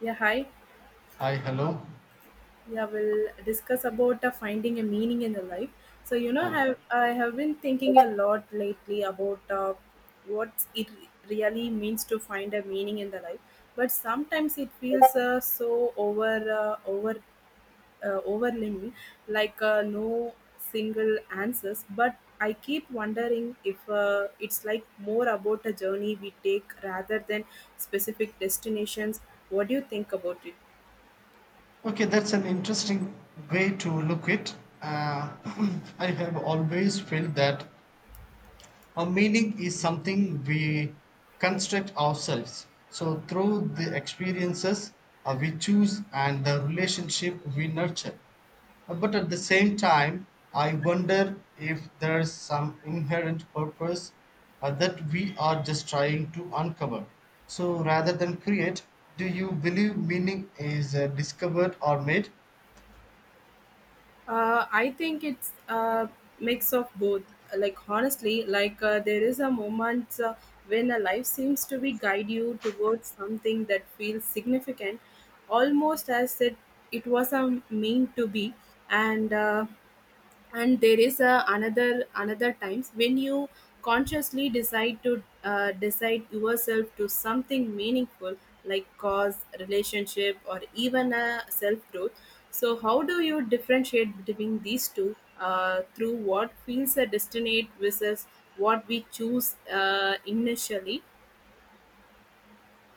Yeah, hi. Hi, hello. Yeah, we'll discuss about finding a meaning in the life. I have Okay. I have been thinking a lot lately about what it really means to find a meaning in the life. But sometimes it feels so overwhelming, like no single answers. But I keep wondering if it's like more about a journey we take rather than specific destinations. What do you think about it? Okay, that's an interesting way to look it. Uh, I have always felt that a meaning is something we construct ourselves, so through the experiences we choose and the relationship we nurture. But at the same time, I wonder if there's some inherent purpose that we are just trying to uncover. So, rather than create, do you believe meaning is discovered or made? I think it's a mix of both. Like honestly, there is a moment when a life seems to be guide you towards something that feels significant, almost as it was a mean to be, and uh, and there is a another times when you consciously decide to decide yourself to something meaningful like cause relationship or even a self growth. So how do you differentiate between these two, through what feels a destinate versus what we choose initially?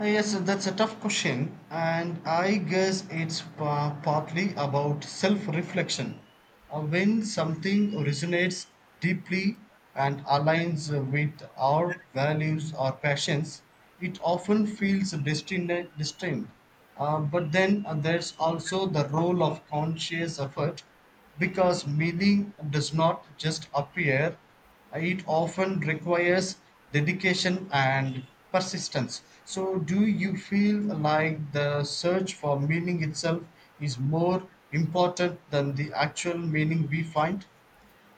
Yes, that's a tough question, and I guess it's partly about self reflection. When something resonates deeply and aligns with our values or passions, it often feels destined. destined. But then there's also the role of conscious effort, because meaning does not just appear, it often requires dedication and persistence. So, do you feel like the search for meaning itself is more important than the actual meaning we find?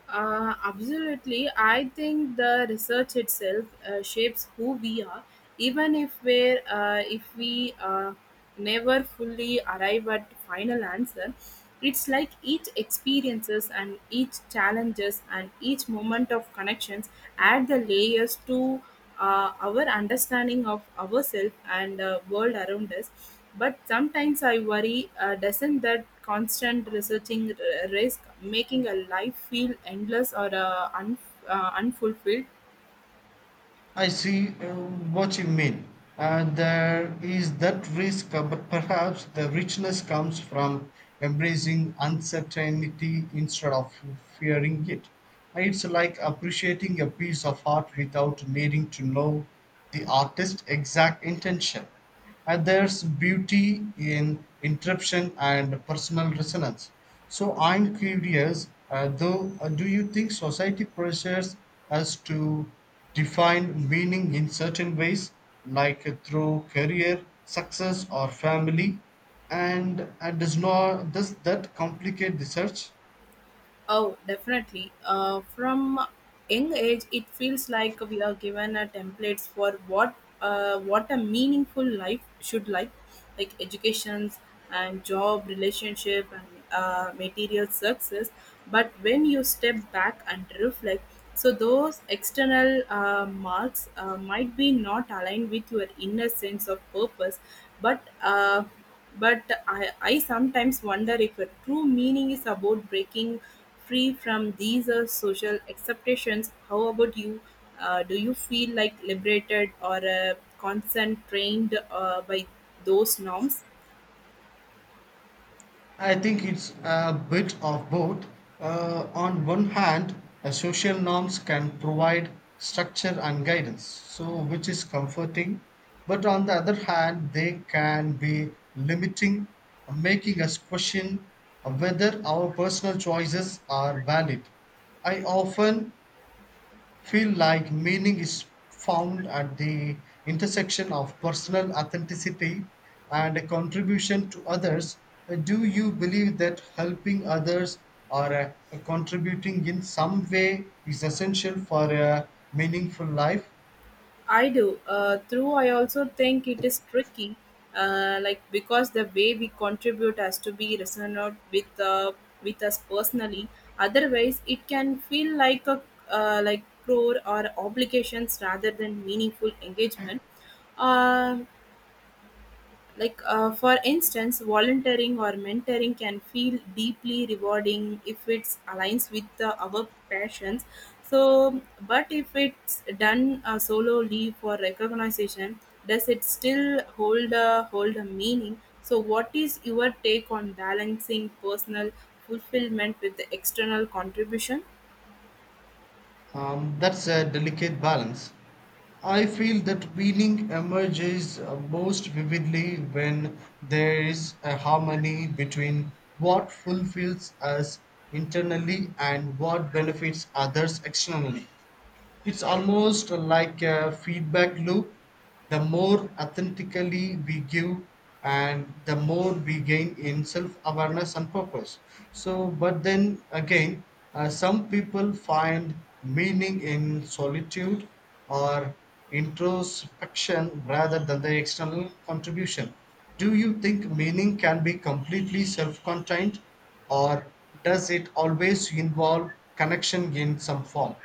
Absolutely. I think the research itself shapes who we are, even if we're, if we never fully arrive at the final answer. It's like each experiences and each challenges and each moment of connections add the layers to our understanding of ourselves and world around us. But sometimes I worry, doesn't that constant researching risk making a life feel endless or unfulfilled? I see what you mean. There is that risk, but perhaps the richness comes from embracing uncertainty instead of fearing it. It's like appreciating a piece of art without needing to know the artist's exact intention. And there's beauty in interruption and personal resonance. So I'm curious, though, do you think society pressures us to define meaning in certain ways, like through career, success, or family? And does, not, does that complicate the search? Oh, definitely. From young age, it feels like we are given a templates for what a meaningful life should like educations and job, relationship and material success. But when you step back and reflect, so those external marks might be not aligned with your inner sense of purpose, but uh, but I sometimes wonder if a true meaning is about breaking free from these social acceptations. How about you? Do you feel like liberated or constrained by those norms? I think it's a bit of both. On one hand, social norms can provide structure and guidance, so which is comforting. But on the other hand, they can be limiting, making us question whether our personal choices are valid. I often feel like meaning is found at the intersection of personal authenticity and a contribution to others. Do you believe that helping others or contributing in some way is essential for a meaningful life? I do. Through, I also think it is tricky, like because the way we contribute has to be resonant with us personally. Otherwise, it can feel like a like chore or obligations rather than meaningful engagement. Uh, like for instance volunteering or mentoring can feel deeply rewarding if it aligns with our passions. So but if it's done solely for recognition, does it still hold a meaning? So what is your take on balancing personal fulfillment with the external contribution? That's a delicate balance. I feel that meaning emerges most vividly when there is a harmony between what fulfills us internally and what benefits others externally. It's almost like a feedback loop. The more authentically we give, and the more we gain in self awareness and purpose. So, but then again, some people find meaning in solitude or introspection rather than the external contribution. Do you think meaning can be completely self contained, or does it always involve connection in some form?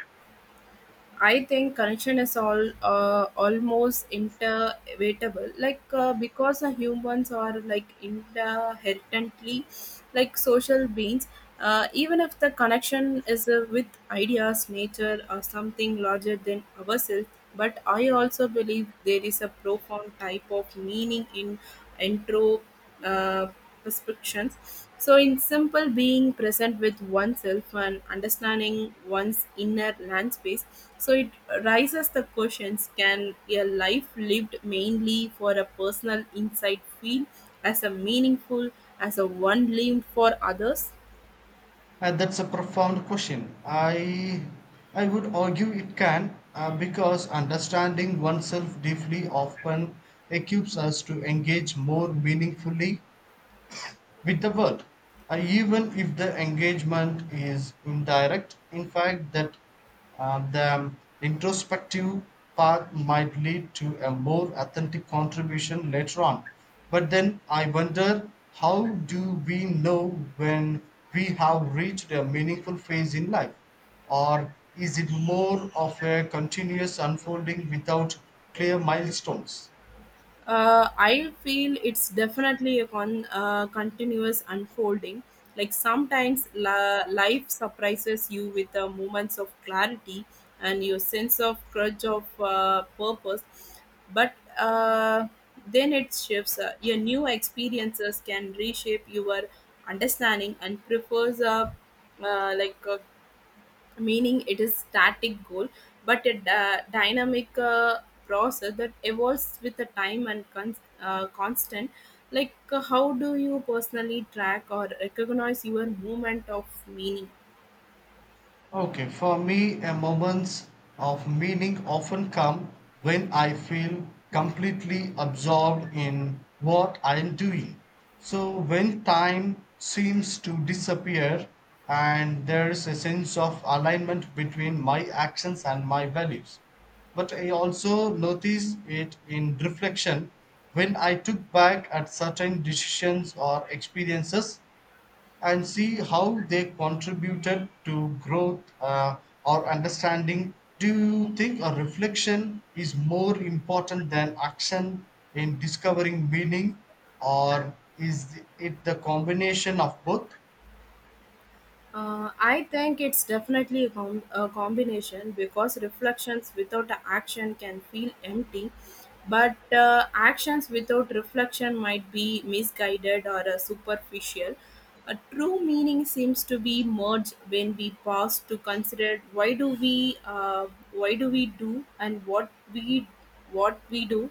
I think connection is all almost inevitable, because humans are like inherently like social beings. Even if the connection is with ideas, nature, or something larger than ourselves, but I also believe there is a profound type of meaning in intro. Uh, Restrictions. So, in simple, being present with oneself and understanding one's inner land space, so it raises the questions, can a life lived mainly for a personal insight feel as a meaningful, as a one lived for others? That's a profound question. I would argue it can because understanding oneself deeply often equips us to engage more meaningfully with the world, even if the engagement is indirect. In fact, that the introspective path might lead to a more authentic contribution later on. But then I wonder, how do we know when we have reached a meaningful phase in life? Or is it more of a continuous unfolding without clear milestones? I feel it's definitely a continuous unfolding. Like sometimes life surprises you with the moments of clarity and your sense of grudge of purpose, but uh, then it shifts. Your new experiences can reshape your understanding and prefers uh, like uh, meaning it is static goal but a dynamic process that evolves with the time and constant how do you personally track or recognize your movement of meaning? Okay, for me, a moments of meaning often come when I feel completely absorbed in what I am doing. So, when time seems to disappear and there is a sense of alignment between my actions and my values. But I also notice it in reflection when I took back at certain decisions or experiences and see how they contributed to growth or understanding. Do you think a reflection is more important than action in discovering meaning, or is it the combination of both? I think it's definitely a a combination because reflections without action can feel empty, but actions without reflection might be misguided or superficial. A true meaning seems to be merged when we pause to consider why do we do and what we do,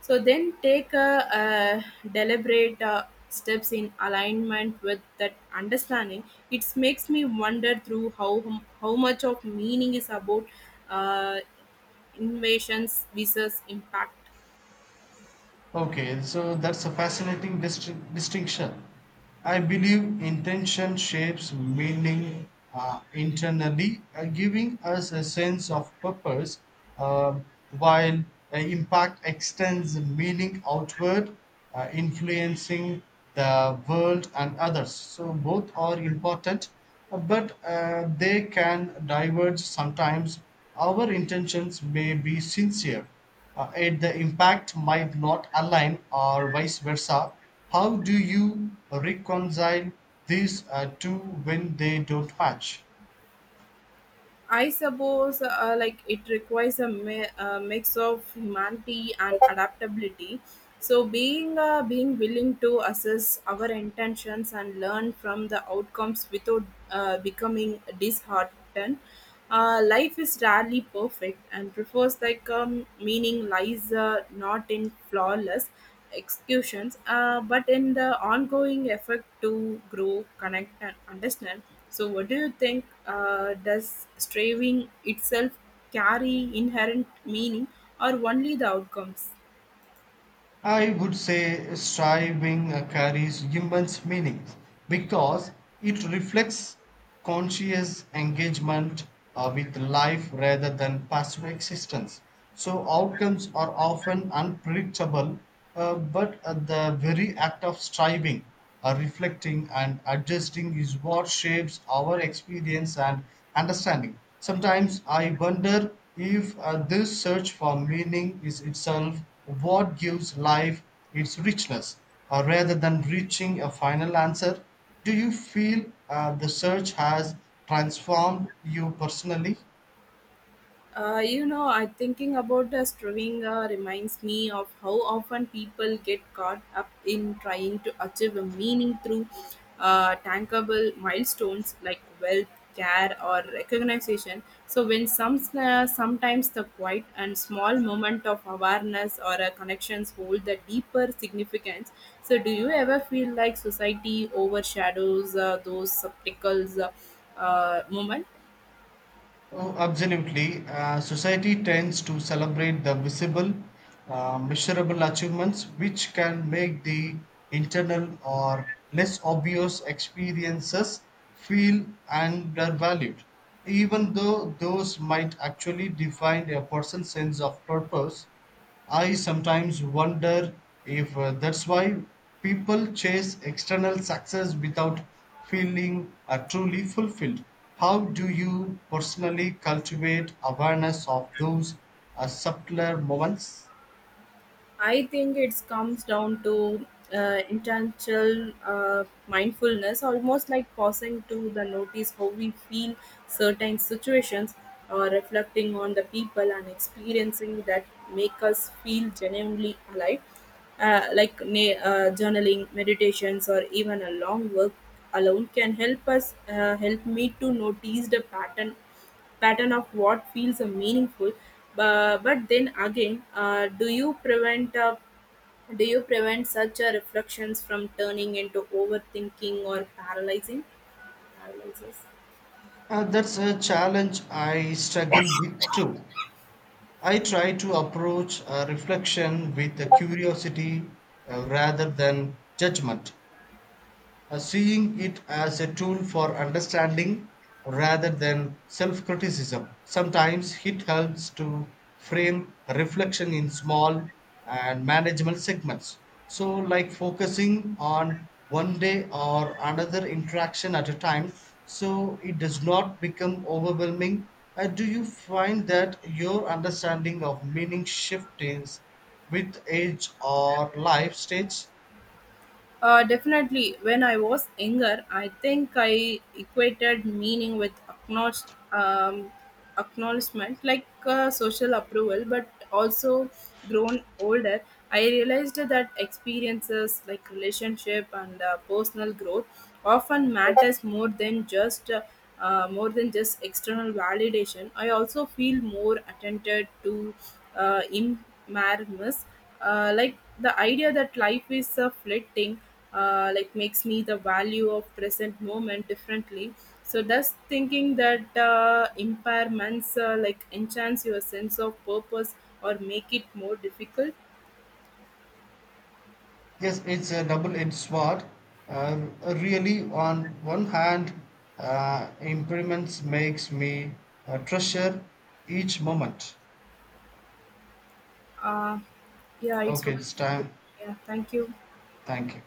so then take a deliberate steps in alignment with that understanding. It makes me wonder through how much of meaning is about uh, invasions versus impact. Okay, so that's a fascinating distinction. I believe intention shapes meaning internally, giving us a sense of purpose, uh, while impact extends meaning outward, influencing the world and others. So, both are important, but they can diverge sometimes. Our intentions may be sincere, yet the impact might not align, or vice versa. How do you reconcile these two when they don't match? I suppose it requires a mix of humanity and adaptability. So being willing to assess our intentions and learn from the outcomes without becoming disheartened. Life is rarely perfect and prefers like meaning lies not in flawless executions but in the ongoing effort to grow, connect and understand. So, what do you think? Does striving itself carry inherent meaning or only the outcomes? I would say striving carries immense meaning because it reflects conscious engagement with life rather than passive existence. So, outcomes are often unpredictable, but the very act of striving, reflecting and adjusting, is what shapes our experience and understanding. Sometimes I wonder if this search for meaning is itself what gives life its richness rather than reaching a final answer. Do you feel the search has transformed you personally? You know, I thinking about the striving reminds me of how often people get caught up in trying to achieve a meaning through tankable milestones like wealth, care, or recognition. So when sometimes the quiet and small moment of awareness or connections hold the deeper significance. So do you ever feel like society overshadows those subtle moments? Oh, absolutely. Society tends to celebrate the visible, measurable achievements, which can make the internal or less obvious experiences feel undervalued, even though those might actually define a person's sense of purpose. I sometimes wonder if that's why people chase external success without feeling truly fulfilled. How do you personally cultivate awareness of those subtler moments? I think it comes down to intentional mindfulness, almost like pausing to the notice how we feel certain situations, or reflecting on the people and experiencing that make us feel genuinely alive. Like journaling, meditations, or even a long walk alone can help us help me to notice the pattern of what feels a meaningful. But then again do you prevent such reflections from turning into overthinking or paralyzing paralyzes? That's a challenge I struggle with too. I try to approach reflection with a curiosity rather than judgment, seeing it as a tool for understanding rather than self criticism. Sometimes it helps to frame reflection in small and manageable segments. So, like focusing on one day or another interaction at a time, so it does not become overwhelming. Do you find that your understanding of meaning shifts with age or life stage? Definitely, when I was younger, I think I equated meaning with acknowledge, um, acknowledgement, like social approval. But also, grown older, I realized that experiences like relationship and personal growth often matters more than just external validation. I also feel more attentive to in marriages like the idea that life is fleeting like makes me the value of present moment differently. So thus thinking that impairments like enhance your sense of purpose or make it more difficult? Yes, it's a double-edged sword. Really, on one hand, impermanence makes me treasure each moment. uh, yeah it's Okay, what. it's time. Yeah thank you. Thank you.